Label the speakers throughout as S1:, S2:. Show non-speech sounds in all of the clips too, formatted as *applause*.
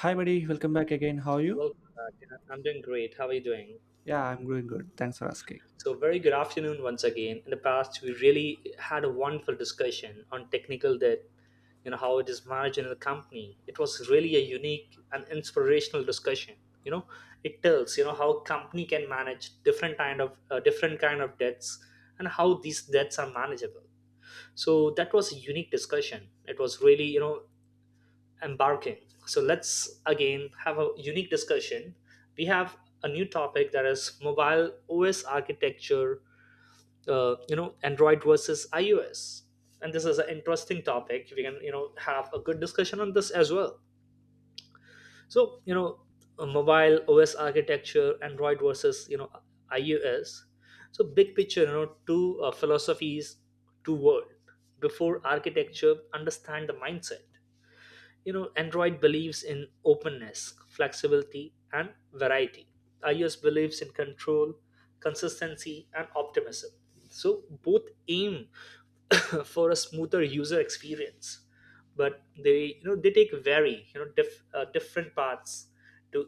S1: Hi, buddy. Welcome back again. How are you?
S2: Welcome back. I'm doing great. How are you doing?
S1: Yeah, I'm doing good. Thanks for asking.
S2: So, very good afternoon once again. In the past, we really had a wonderful discussion on technical debt, you know, how it is managed in the company. It was really a unique and inspirational discussion. You know, it tells you know how company can manage different kind of debts and how these debts are manageable. So that was a unique discussion. It was really you know embarking. So let's again have a unique discussion. We have a new topic that is mobile OS architecture. Android versus iOS, and this is an interesting topic. We can you know have a good discussion on this as well. So you know, a mobile OS architecture, Android versus you know iOS. So big picture, you know, two philosophies, two world. Before architecture, understand the mindset, you know. Android believes in openness, flexibility and variety. iOS believes in control, consistency and optimism. So both aim *coughs* for a smoother user experience, but they you know they take very you know different paths to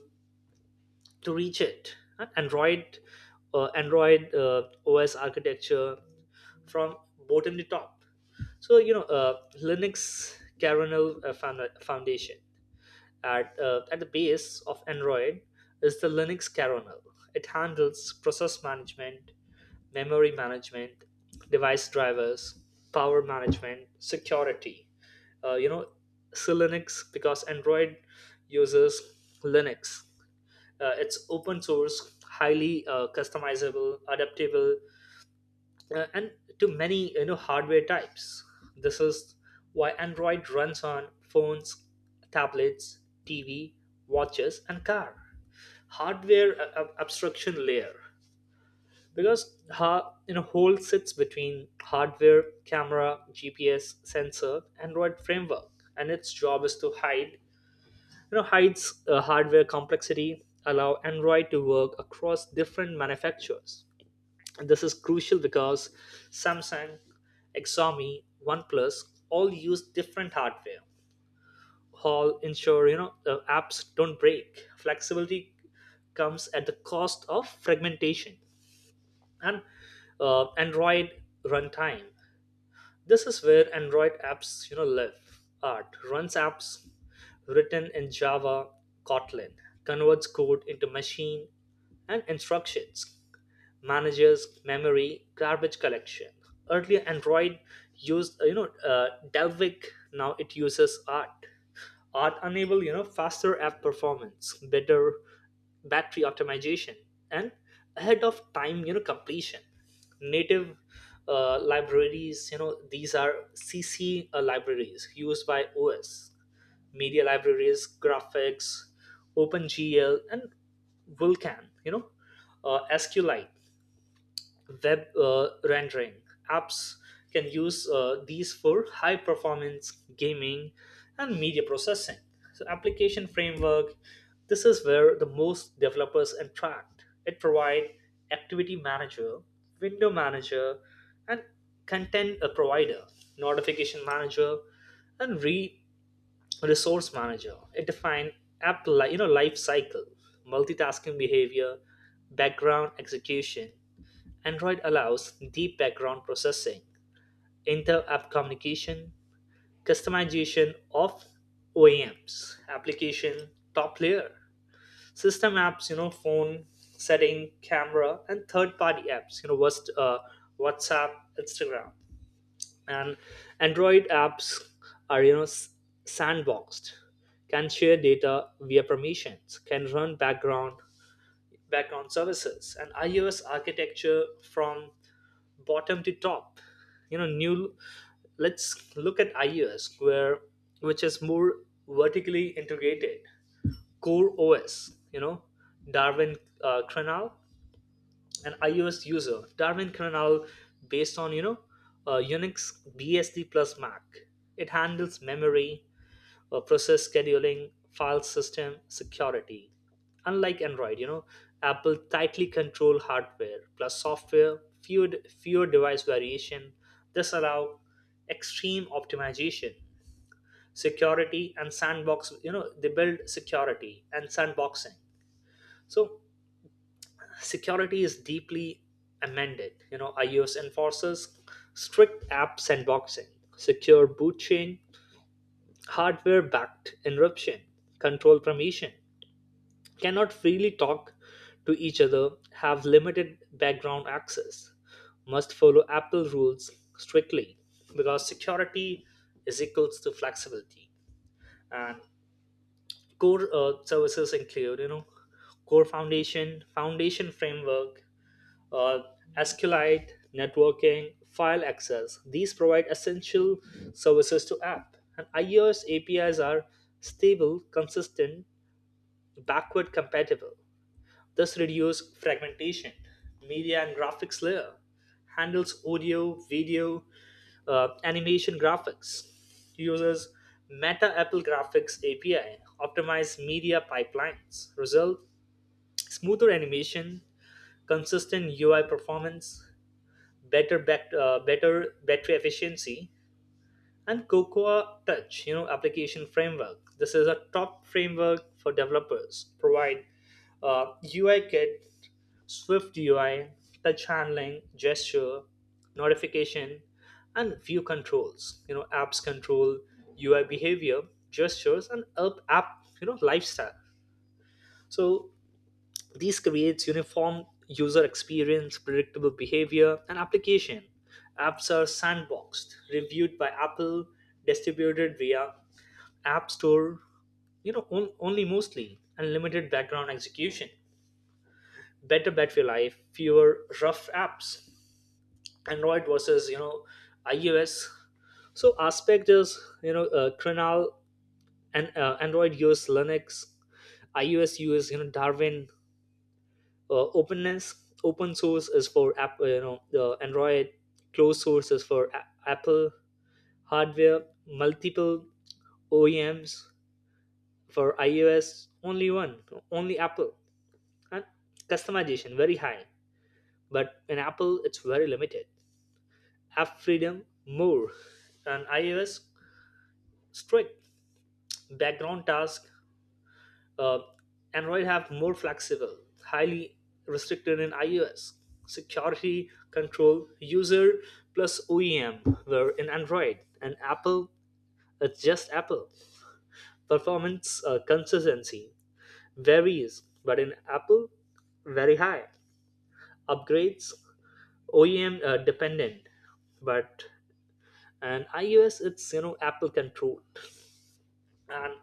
S2: to reach it. And android, android os architecture from bottom to top, so you know, linux kernel, foundation. At the base of Android is the Linux kernel. It handles process management, memory management, device drivers, power management, security. Uh, you know, so Linux, because Android uses Linux. It's open source, highly customizable, adaptable, and to many you know hardware types. This is why android runs on phones, tablets, tv, watches and car. Hardware abstraction layer, because you know whole sits between hardware, camera, gps sensor, android framework, and its job is to hide, you know, hides hardware complexity, allow android to work across different manufacturers. And this is crucial because Samsung, Xiaomi, OnePlus all use different hardware. All ensure you know the apps don't break. Flexibility comes at the cost of fragmentation. And Android runtime. This is where Android apps you know live. Art runs apps written in Java, Kotlin, converts code into machine and instructions, manages memory garbage collection. Earlier android used delvik, now it uses art. Art enable you know faster app performance, better battery optimization, and ahead of time you know completion. Native libraries, you know, these are cc libraries used by os: media libraries, graphics, opengl and vulkan, you know, sqlite, web rendering. Apps can use these for high performance gaming and media processing. So, application framework, this is where the most developers interact. It provides activity manager, window manager, and content provider, notification manager, and resource manager. It defines you know life cycle, multitasking behavior, background execution. Android allows deep background processing, inter-app communication, customization of OEMs, application top layer, system apps, you know, phone setting, camera, and third-party apps, you know, what's WhatsApp, Instagram, and Android apps are you know sandboxed, can share data via permissions, can run background services. And iOS architecture from bottom to top, you know, new. Let's look at ios, where which is more vertically integrated. Core os, you know, darwin kernel. An ios user darwin kernel based on you know unix bsd plus mac. It handles memory, process scheduling, file system, security. Unlike Android, you know, Apple tightly control hardware plus software, fewer device variation. This allow extreme optimization, security and sandbox. You know, they build security and sandboxing. So security is deeply amended. You know, iOS enforces strict app sandboxing, secure boot chain, hardware backed encryption, control permission, cannot freely talk to each other, have limited background access, must follow Apple rules strictly, because security is equals to flexibility. And core services include, you know, core foundation, foundation framework, uh, SQLite, networking, file access. These provide essential services to app. And iOS APIs are stable, consistent, backward compatible. This reduces fragmentation. Media and graphics layer handles audio, video, animation graphics. Uses Meta Apple Graphics API, optimize media pipelines. Result: smoother animation, consistent UI performance, better battery efficiency, and Cocoa Touch, you know, application framework. This is a top framework for developers. Provide UI kit, Swift UI, touch handling, gesture, notification, and view controls. You know, apps control UI behavior, gestures, and app you know lifestyle. So this creates uniform user experience, predictable behavior, and application. Apps are sandboxed, reviewed by Apple, distributed via App Store, you know, on, only mostly, and limited background execution. Better bet for life, fewer rough apps. Android versus you know iOS. So aspect is you know Krenal, and Android uses Linux, iOS uses you know Darwin. Openness, open source is for app, you know, the android. Closed source is for apple. Hardware multiple oems, for ios only one, only apple. And customization very high, but in apple it's very limited. App freedom more, and ios strict background task. Uh, Android have more flexible, highly restricted in iOS. Security control user plus OEM were in Android, and Apple it's just Apple. Performance consistency varies, but in Apple very high. Upgrades OEM dependent, but and iOS it's you know Apple controlled. And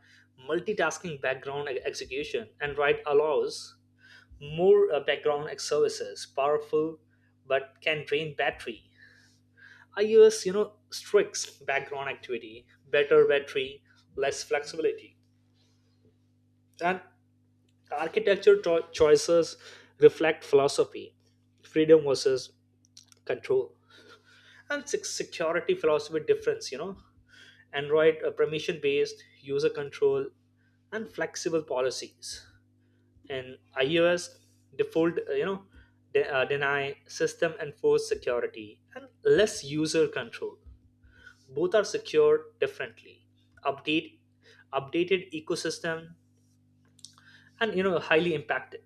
S2: multitasking, background execution, Android allows more background services powerful but can drain battery. I use you know strict background activity, better battery, less flexibility. And architecture choices reflect philosophy: freedom versus control. And security philosophy difference, you know. Android permission based, user control and flexible policies. And ios default, deny, system enforced security and less user control. Both are secured differently. Update, updated ecosystem, and you know highly impacted.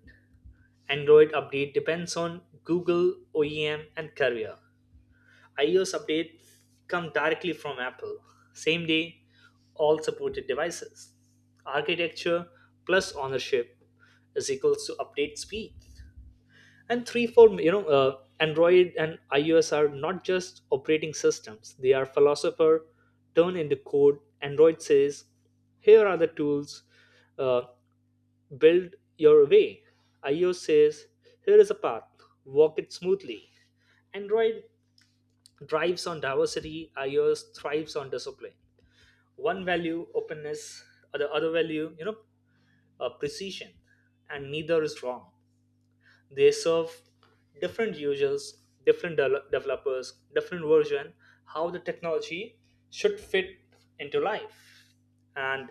S2: Android update depends on google, oem and carrier. Ios update come directly from apple, same day, all supported devices. Architecture plus ownership is equals to update speed. And three four, you know, android and ios are not just operating systems, they are philosopher turned into code. Android says here are the tools, uh, build your way. Ios says here is a path, walk it smoothly. Android drives on diversity, ios thrives on discipline. One value openness, the other value you know precision. And neither is wrong, they serve different users, developers, different version, how the technology should fit into life. And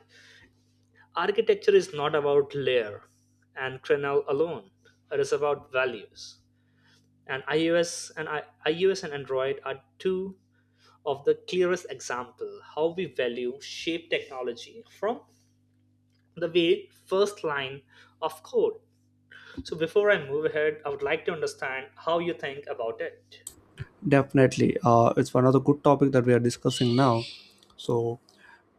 S2: architecture is not about layer and kernel alone, it is about values. And ios and android are two of the clearest example how we value shape technology from the very first line of code. So before I move ahead, I would like to understand how you think about it.
S1: Definitely. It's another good topic that we are discussing now. So,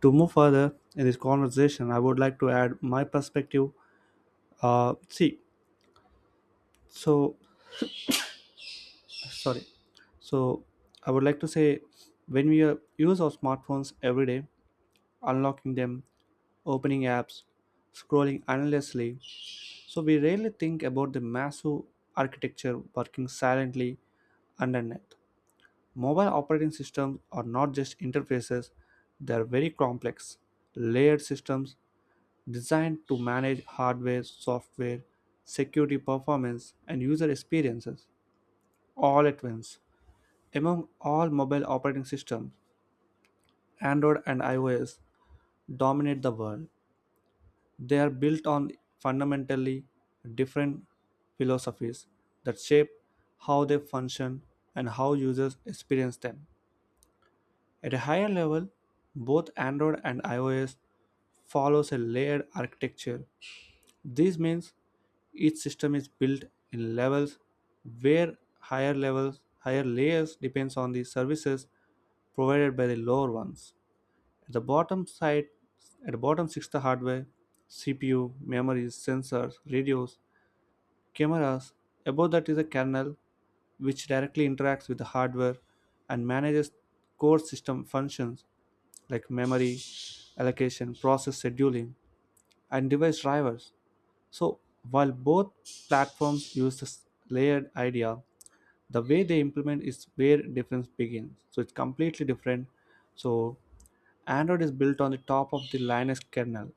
S1: to move further in this conversation, I would like to add my perspective. See, so sorry. So, I would like to say when we use our smartphones every day, unlocking them, opening apps, scrolling endlessly, so we rarely think about the massive architecture working silently underneath. Mobile operating systems are not just interfaces, they are very complex, layered systems designed to manage hardware, software, security performance, and user experiences all at once. Among all mobile operating systems, Android and iOS dominate the world. They are built on fundamentally different philosophies that shape how they function and how users experience them. At a higher level, both Android and iOS follows a layered architecture. This means each system is built in levels where higher layers depends on the services provided by the lower ones. At the bottom side at the bottom sits the hardware: CPU, memories, sensors, radios, cameras. Above that is a kernel, which directly interacts with the hardware and manages core system functions like memory, allocation, process scheduling, and device drivers. So, while both platforms use this layered idea, the way they implement is where difference begins, so it's completely different. So Android is built on the top of the Linux kernel,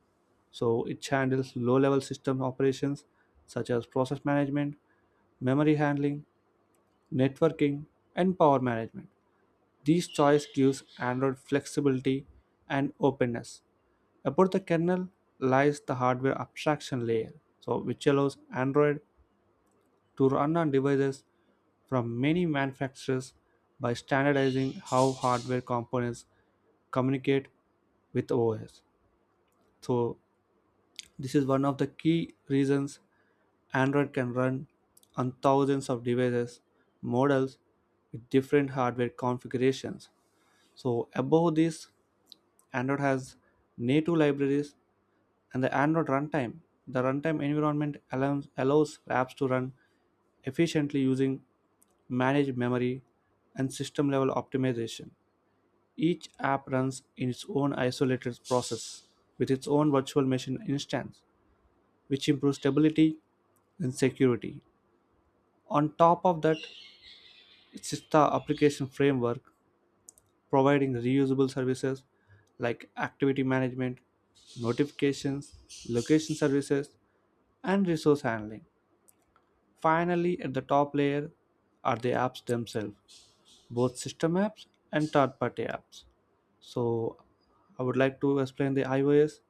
S1: so it handles low level system operations such as process management, memory handling, networking, and power management. These choice gives Android flexibility and openness. Above the kernel lies the hardware abstraction layer, so which allows Android to run on devices from many manufacturers by standardizing how hardware components communicate with OS. So, this is one of the key reasons Android can run on thousands of devices, models with different hardware configurations. So, above this, Android has native libraries and the Android runtime. The runtime environment allows apps to run efficiently using managed memory and system level optimization. Each app runs in its own isolated process with its own virtual machine instance, which improves stability and security. On top of that, it sits the application framework providing reusable services like activity management, notifications, location services, and resource handling. Finally, at the top layer are the apps themselves, both system apps and third party apps. So, I would like to explain the iOS.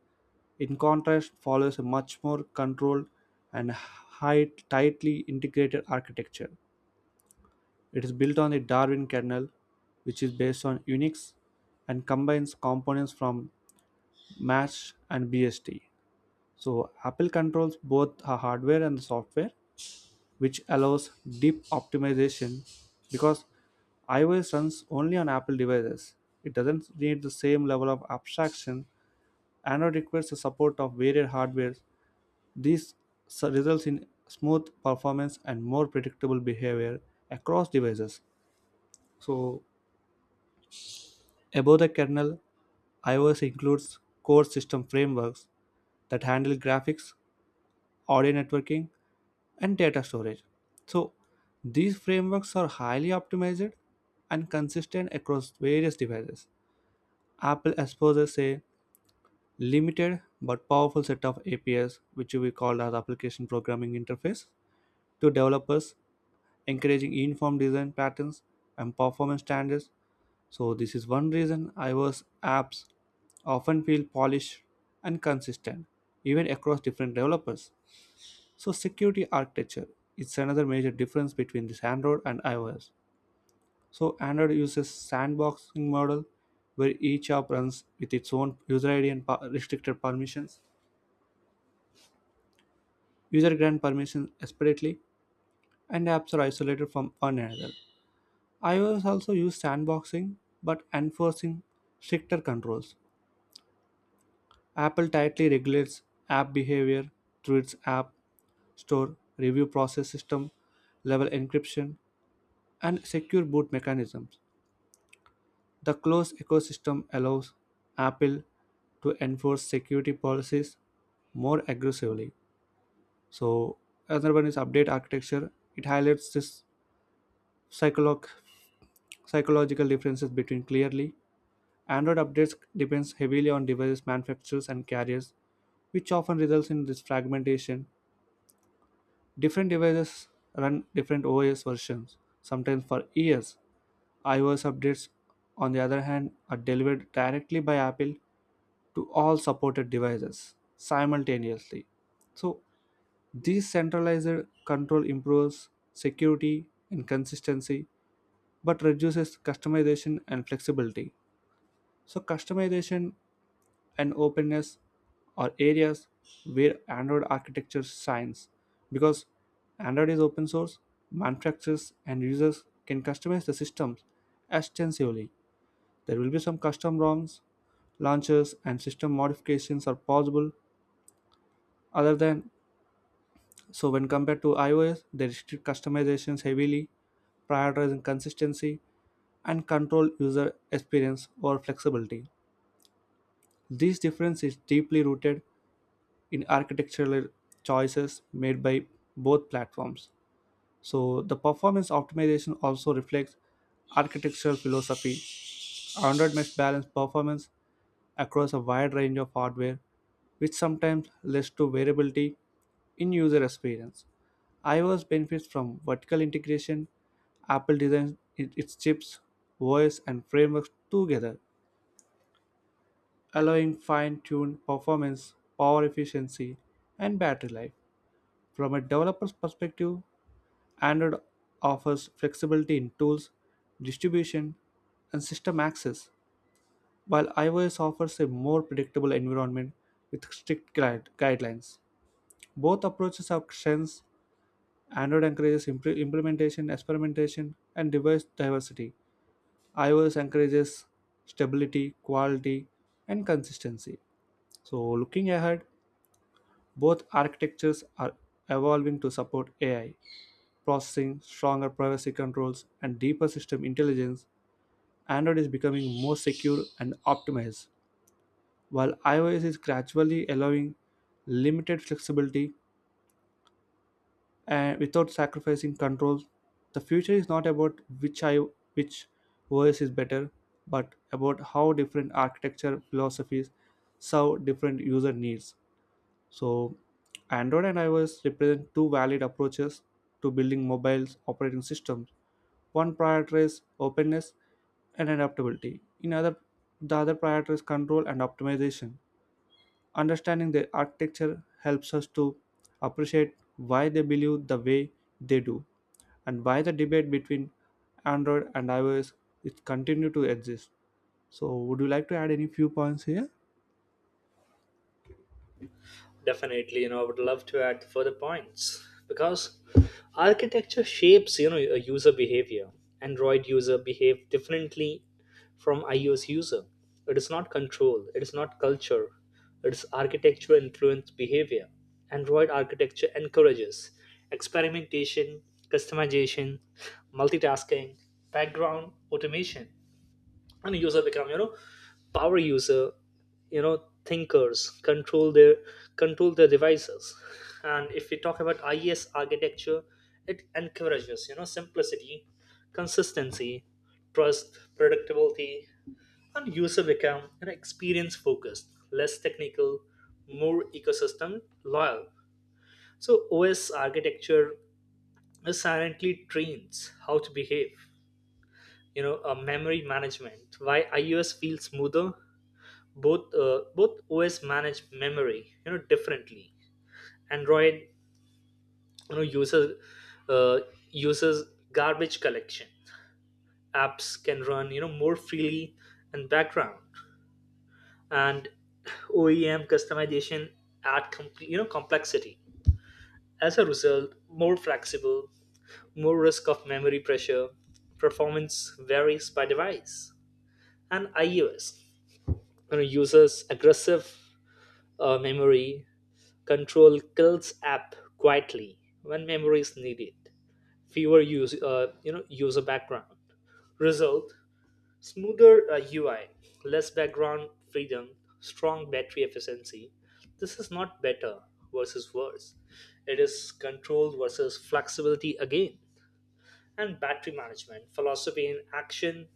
S1: In contrast, follows a much more controlled and tightly integrated architecture. It is built on the Darwin kernel, which is based on Unix and combines components from MASH and BSD. So Apple controls both the hardware and the software, which allows deep optimization because iOS runs only on Apple devices. It doesn't need the same level of abstraction and it requires the support of varied hardware. This results in smooth performance and more predictable behavior across devices. So, above the kernel, iOS includes core system frameworks that handle graphics, audio networking, and data storage. So, these frameworks are highly optimized and consistent across various devices. Apple exposes a limited but powerful set of APIs, which we call as application programming interface, to developers, encouraging uniform design patterns and performance standards. So, this is one reason iOS apps often feel polished and consistent, even across different developers. So, security architecture is another major difference between this Android and iOS. So, Android uses sandboxing model where each app runs with its own user ID and restricted permissions. User grant permissions separately, and apps are isolated from one another. iOS also used sandboxing but enforcing stricter controls. Apple tightly regulates app behavior through its App Store review process, system level encryption, and secure boot mechanisms. The closed ecosystem allows Apple to enforce security policies more aggressively. So, another one is update architecture. It highlights this psycholo- psychological differences between clearly. Android updates depends heavily on device manufacturers and carriers, which often results in this fragmentation. Different devices run different OS versions, sometimes for years. iOS updates, on the other hand, are delivered directly by Apple to all supported devices simultaneously. So, this centralized control improves security and consistency but reduces customization and flexibility. So, customization and openness are areas where Android architecture shines because Android is open source, manufacturers and users can customize the systems extensively. There will be some custom ROMs, launchers, and system modifications are possible. Other than when compared to iOS, they restrict customizations heavily, prioritizing consistency and control user experience or flexibility. This difference is deeply rooted in architectural choices made by both platforms. So the performance optimization also reflects architectural philosophy. Android must balance performance across a wide range of hardware, which sometimes leads to variability in user experience. iOS benefits from vertical integration. Apple designs its chips, OS, and frameworks together, allowing fine tuned performance, power efficiency, and battery life. From a developer's perspective, Android offers flexibility in tools, distribution, and system access, while iOS offers a more predictable environment with strict guidelines. Both approaches have strengths. Android encourages implementation, experimentation, and device diversity. iOS encourages stability, quality, and consistency. So, looking ahead, both architectures are evolving to support AI processing, stronger privacy controls, and deeper system intelligence. Android is becoming more secure and optimized, while iOS is gradually allowing limited flexibility and without sacrificing control. The future is not about which OS is better, but about how different architecture philosophies serve different user needs. So, Android and iOS represent two valid approaches to building mobiles operating systems. One prioritizes openness and adaptability. The other prioritizes control and optimization. Understanding the architecture helps us to appreciate why they believe the way they do and why the debate between Android and iOS is continue to exist. So, would you like to add any few points here?
S2: Definitely, you know, I would love to add further points because architecture shapes, you know, a user behavior. Android user behave differently from iOS user. It is not control, it is not culture, it is architecture influenced behavior. Android architecture encourages experimentation, customization, multitasking, background automation, and a user become you know power user, you know, thinkers, control their devices. And if we talk about ies architecture, it encourages you know simplicity, consistency, trust, predictability, and user become you know experience focused, less technical, more ecosystem loyal. So os architecture is silently trains how to behave, you know. A memory management, why ios feels smoother. Both, both os manage memory you know differently. Android, you know, uh, uses garbage collection. Apps can run you know more freely in background, and oem customization you know complexity. As a result, more flexible, more risk of memory pressure, performance varies by device. And ios, you know, uses aggressive memory control, kills app quietly when memory is needed. Fewer use, user background. Result: smoother UI, less background freedom, strong battery efficiency. This is not better versus worse. It is control versus flexibility again. And battery management philosophy in action.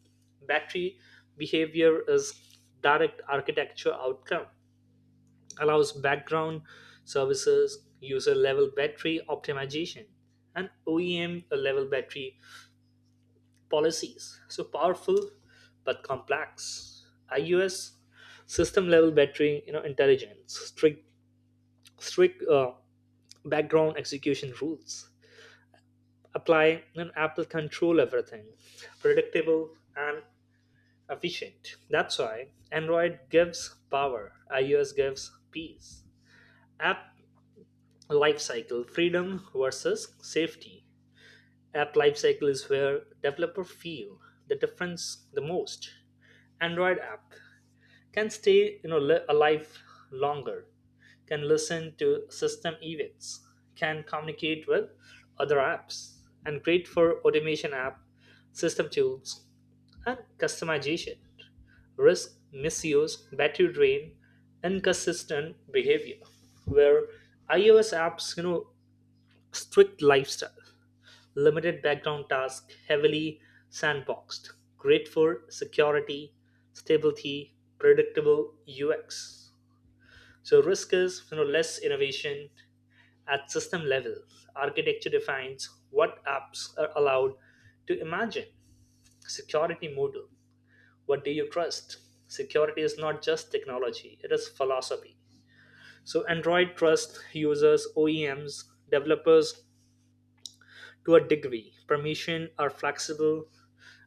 S2: Battery behavior is direct architecture outcome, allows background services, user level battery optimization, and OEM level battery policies. So powerful but complex. iOS system level battery, you know, intelligence, strict background execution rules. Apply and Apple control everything, predictable and efficient. That's why Android gives power, iOS gives peace. App life cycle, freedom versus safety. App life cycle is where developer feel the difference the most. Android app can stay you know alive longer, can listen to system events, can communicate with other apps, and great for automation app, system tools and customization. Risk misuse, battery drain, inconsistent behavior, where ios apps you know strict lifestyle, limited background tasks, heavily sandboxed. Great for security, stability, predictable UX. So risk is you know less innovation at system level. Architecture defines what apps are allowed to imagine. Security model. What do you trust? Security is not just technology, it is philosophy. So Android trusts users, OEMs, developers to a degree, permissions are flexible.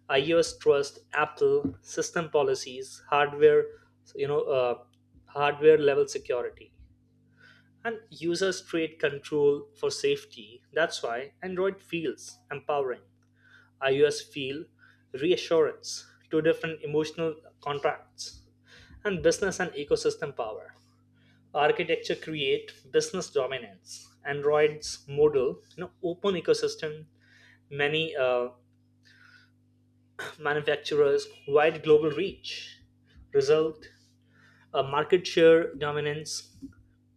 S2: iOS trust Apple system policies, hardware, you know, uh, hardware level security, and users trade control for safety. That's why Android feels empowering. iOS feel reassurance. Two different emotional contracts. And business and ecosystem power. Architecture create business dominance. Android's model, you know, open ecosystem, many manufacturers' wide global reach, result market share dominance,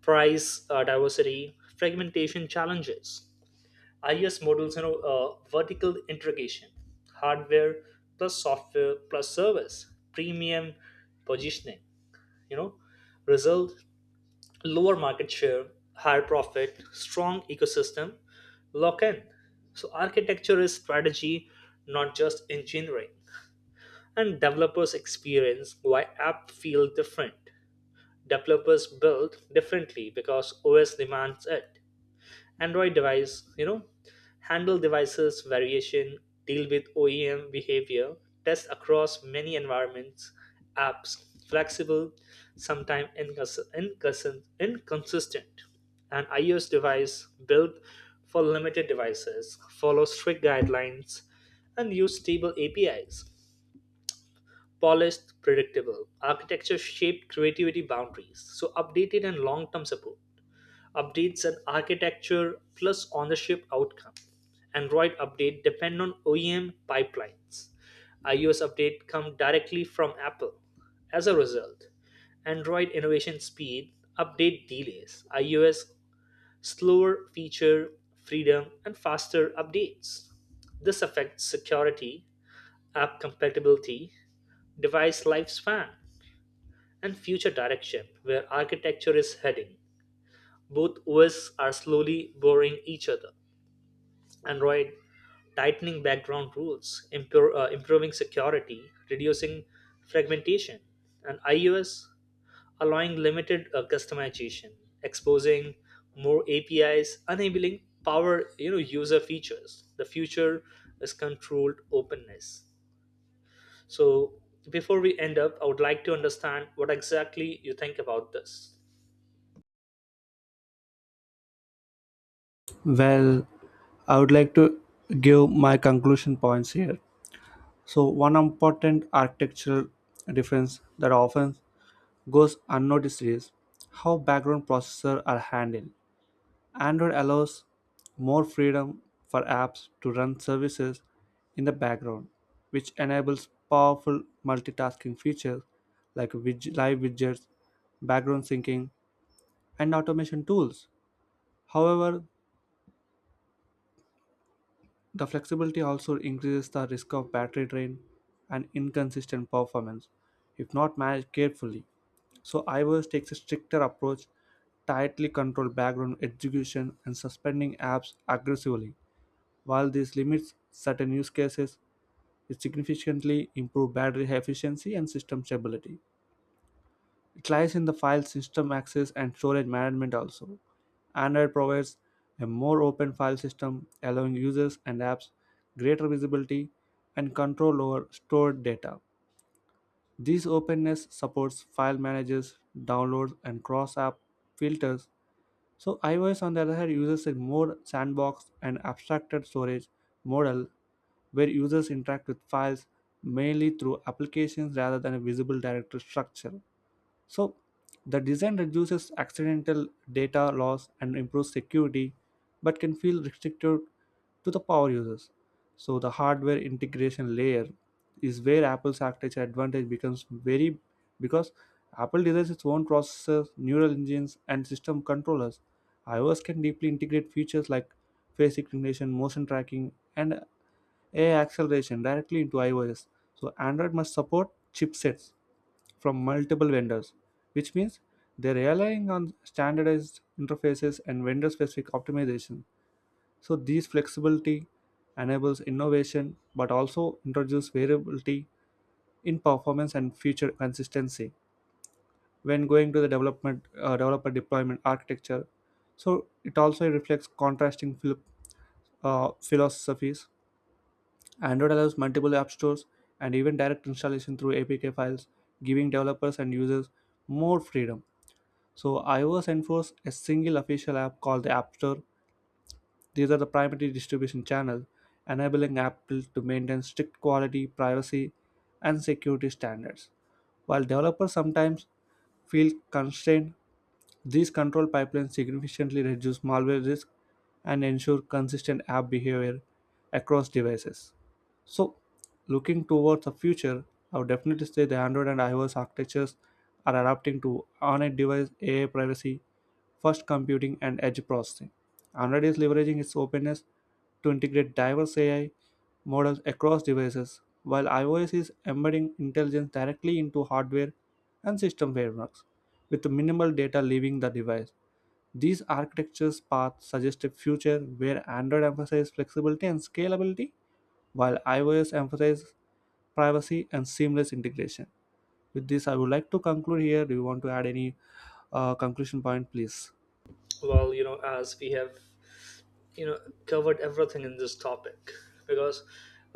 S2: price diversity, fragmentation challenges. IS models, you know, vertical integration, hardware plus software plus service, premium positioning. You know, result lower market share, higher profit, strong ecosystem, lock in. So architecture is strategy, not just engineering. And developers experience, why app feel different. Developers build differently because OS demands it. Android device, you know, handle devices variation, deal with OEM behavior, test across many environments, apps, flexible, sometimes inconsistent. An iOS device built for limited devices, follow strict guidelines, and use stable APIs, polished, predictable. Architecture shaped creativity boundaries. So updated and long term support. Updates and architecture plus ownership outcome. Android update depend on OEM pipelines. iOS update come directly from Apple. As a result, Android innovation speed, update delays, iOS slower feature freedom, and faster updates. This affects security, app compatibility, device lifespan, and future direction where architecture is heading. Both OS are slowly boring each other. Android tightening background rules, improving security, reducing fragmentation. And iOS allowing limited customization, exposing more APIs, enabling power you know user features. The future is controlled openness. So before we end up, I would like to understand what exactly you think about this.
S1: Well, I would like to give my conclusion points here. So, one important architectural difference that often goes unnoticed is how background processors are handled. Android allows more freedom for apps to run services in the background, which enables powerful multitasking features like live widgets, background syncing, and automation tools. However, the flexibility also increases the risk of battery drain and inconsistent performance if not managed carefully. So iOS takes a stricter approach, tightly control background execution and suspending apps aggressively. While this limits certain use cases, it significantly improves battery efficiency and system stability. It lies in the file system access and storage management also. Android provides a more open file system, allowing users and apps greater visibility and control over stored data. This openness supports file managers, downloads, and cross app filters. So, iOS, on the other hand, uses a more sandboxed and abstracted storage model where users interact with files mainly through applications rather than a visible directory structure. So, the design reduces accidental data loss and improves security, but can feel restricted to the power users. So, the hardware integration layer is where Apple's architecture advantage becomes very, because Apple designs its own processors, neural engines, and system controllers. iOS can deeply integrate features like face recognition, motion tracking, and AI acceleration directly into iOS. So, Android must support chipsets from multiple vendors, which means they're relying on standardized interfaces and vendor specific optimization. So, this flexibility enables innovation but also introduces variability in performance and future consistency when going to the development developer deployment architecture, so it also reflects contrasting philosophies. Android allows multiple app stores and even direct installation through APK files, giving developers and users more freedom. So iOS enforces a single official app called the App Store. These are the primary distribution channel, enabling Apple to maintain strict quality, privacy, and security standards. While developers sometimes feel constrained, these control pipelines significantly reduce malware risk and ensure consistent app behavior across devices. So, looking towards the future, I would definitely say the Android and iOS architectures are adapting to on-device AI, privacy first computing, and edge processing. Android is leveraging its openness to integrate diverse AI models across devices, while iOS is embedding intelligence directly into hardware and system frameworks, with minimal data leaving the device. These architectures paths suggest a future where Android emphasizes flexibility and scalability, while iOS emphasizes privacy and seamless integration. With this, I would like to conclude here. Do you want to add any conclusion point, please?
S2: Well, you know, as we have you know covered everything in this topic. Because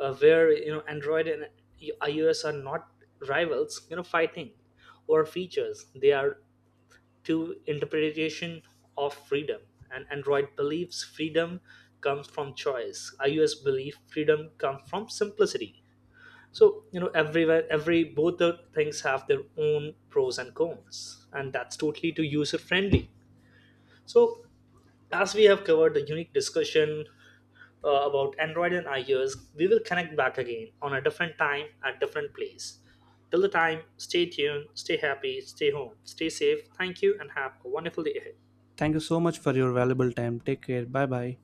S2: where you know android and ios are not rivals you know fighting or features, they are two interpretation of freedom. And android believes freedom comes from choice, ios believe freedom comes from simplicity. So you know everywhere, every both the things have their own pros and cons, and that's totally to user friendly. So as we have covered the unique discussion about Android and iOS, we will connect back again on a different time at different place. Till the time, stay tuned, stay happy, stay home, stay safe. Thank you and have a wonderful day ahead.
S1: Thank you so much for your valuable time. Take care. Bye bye.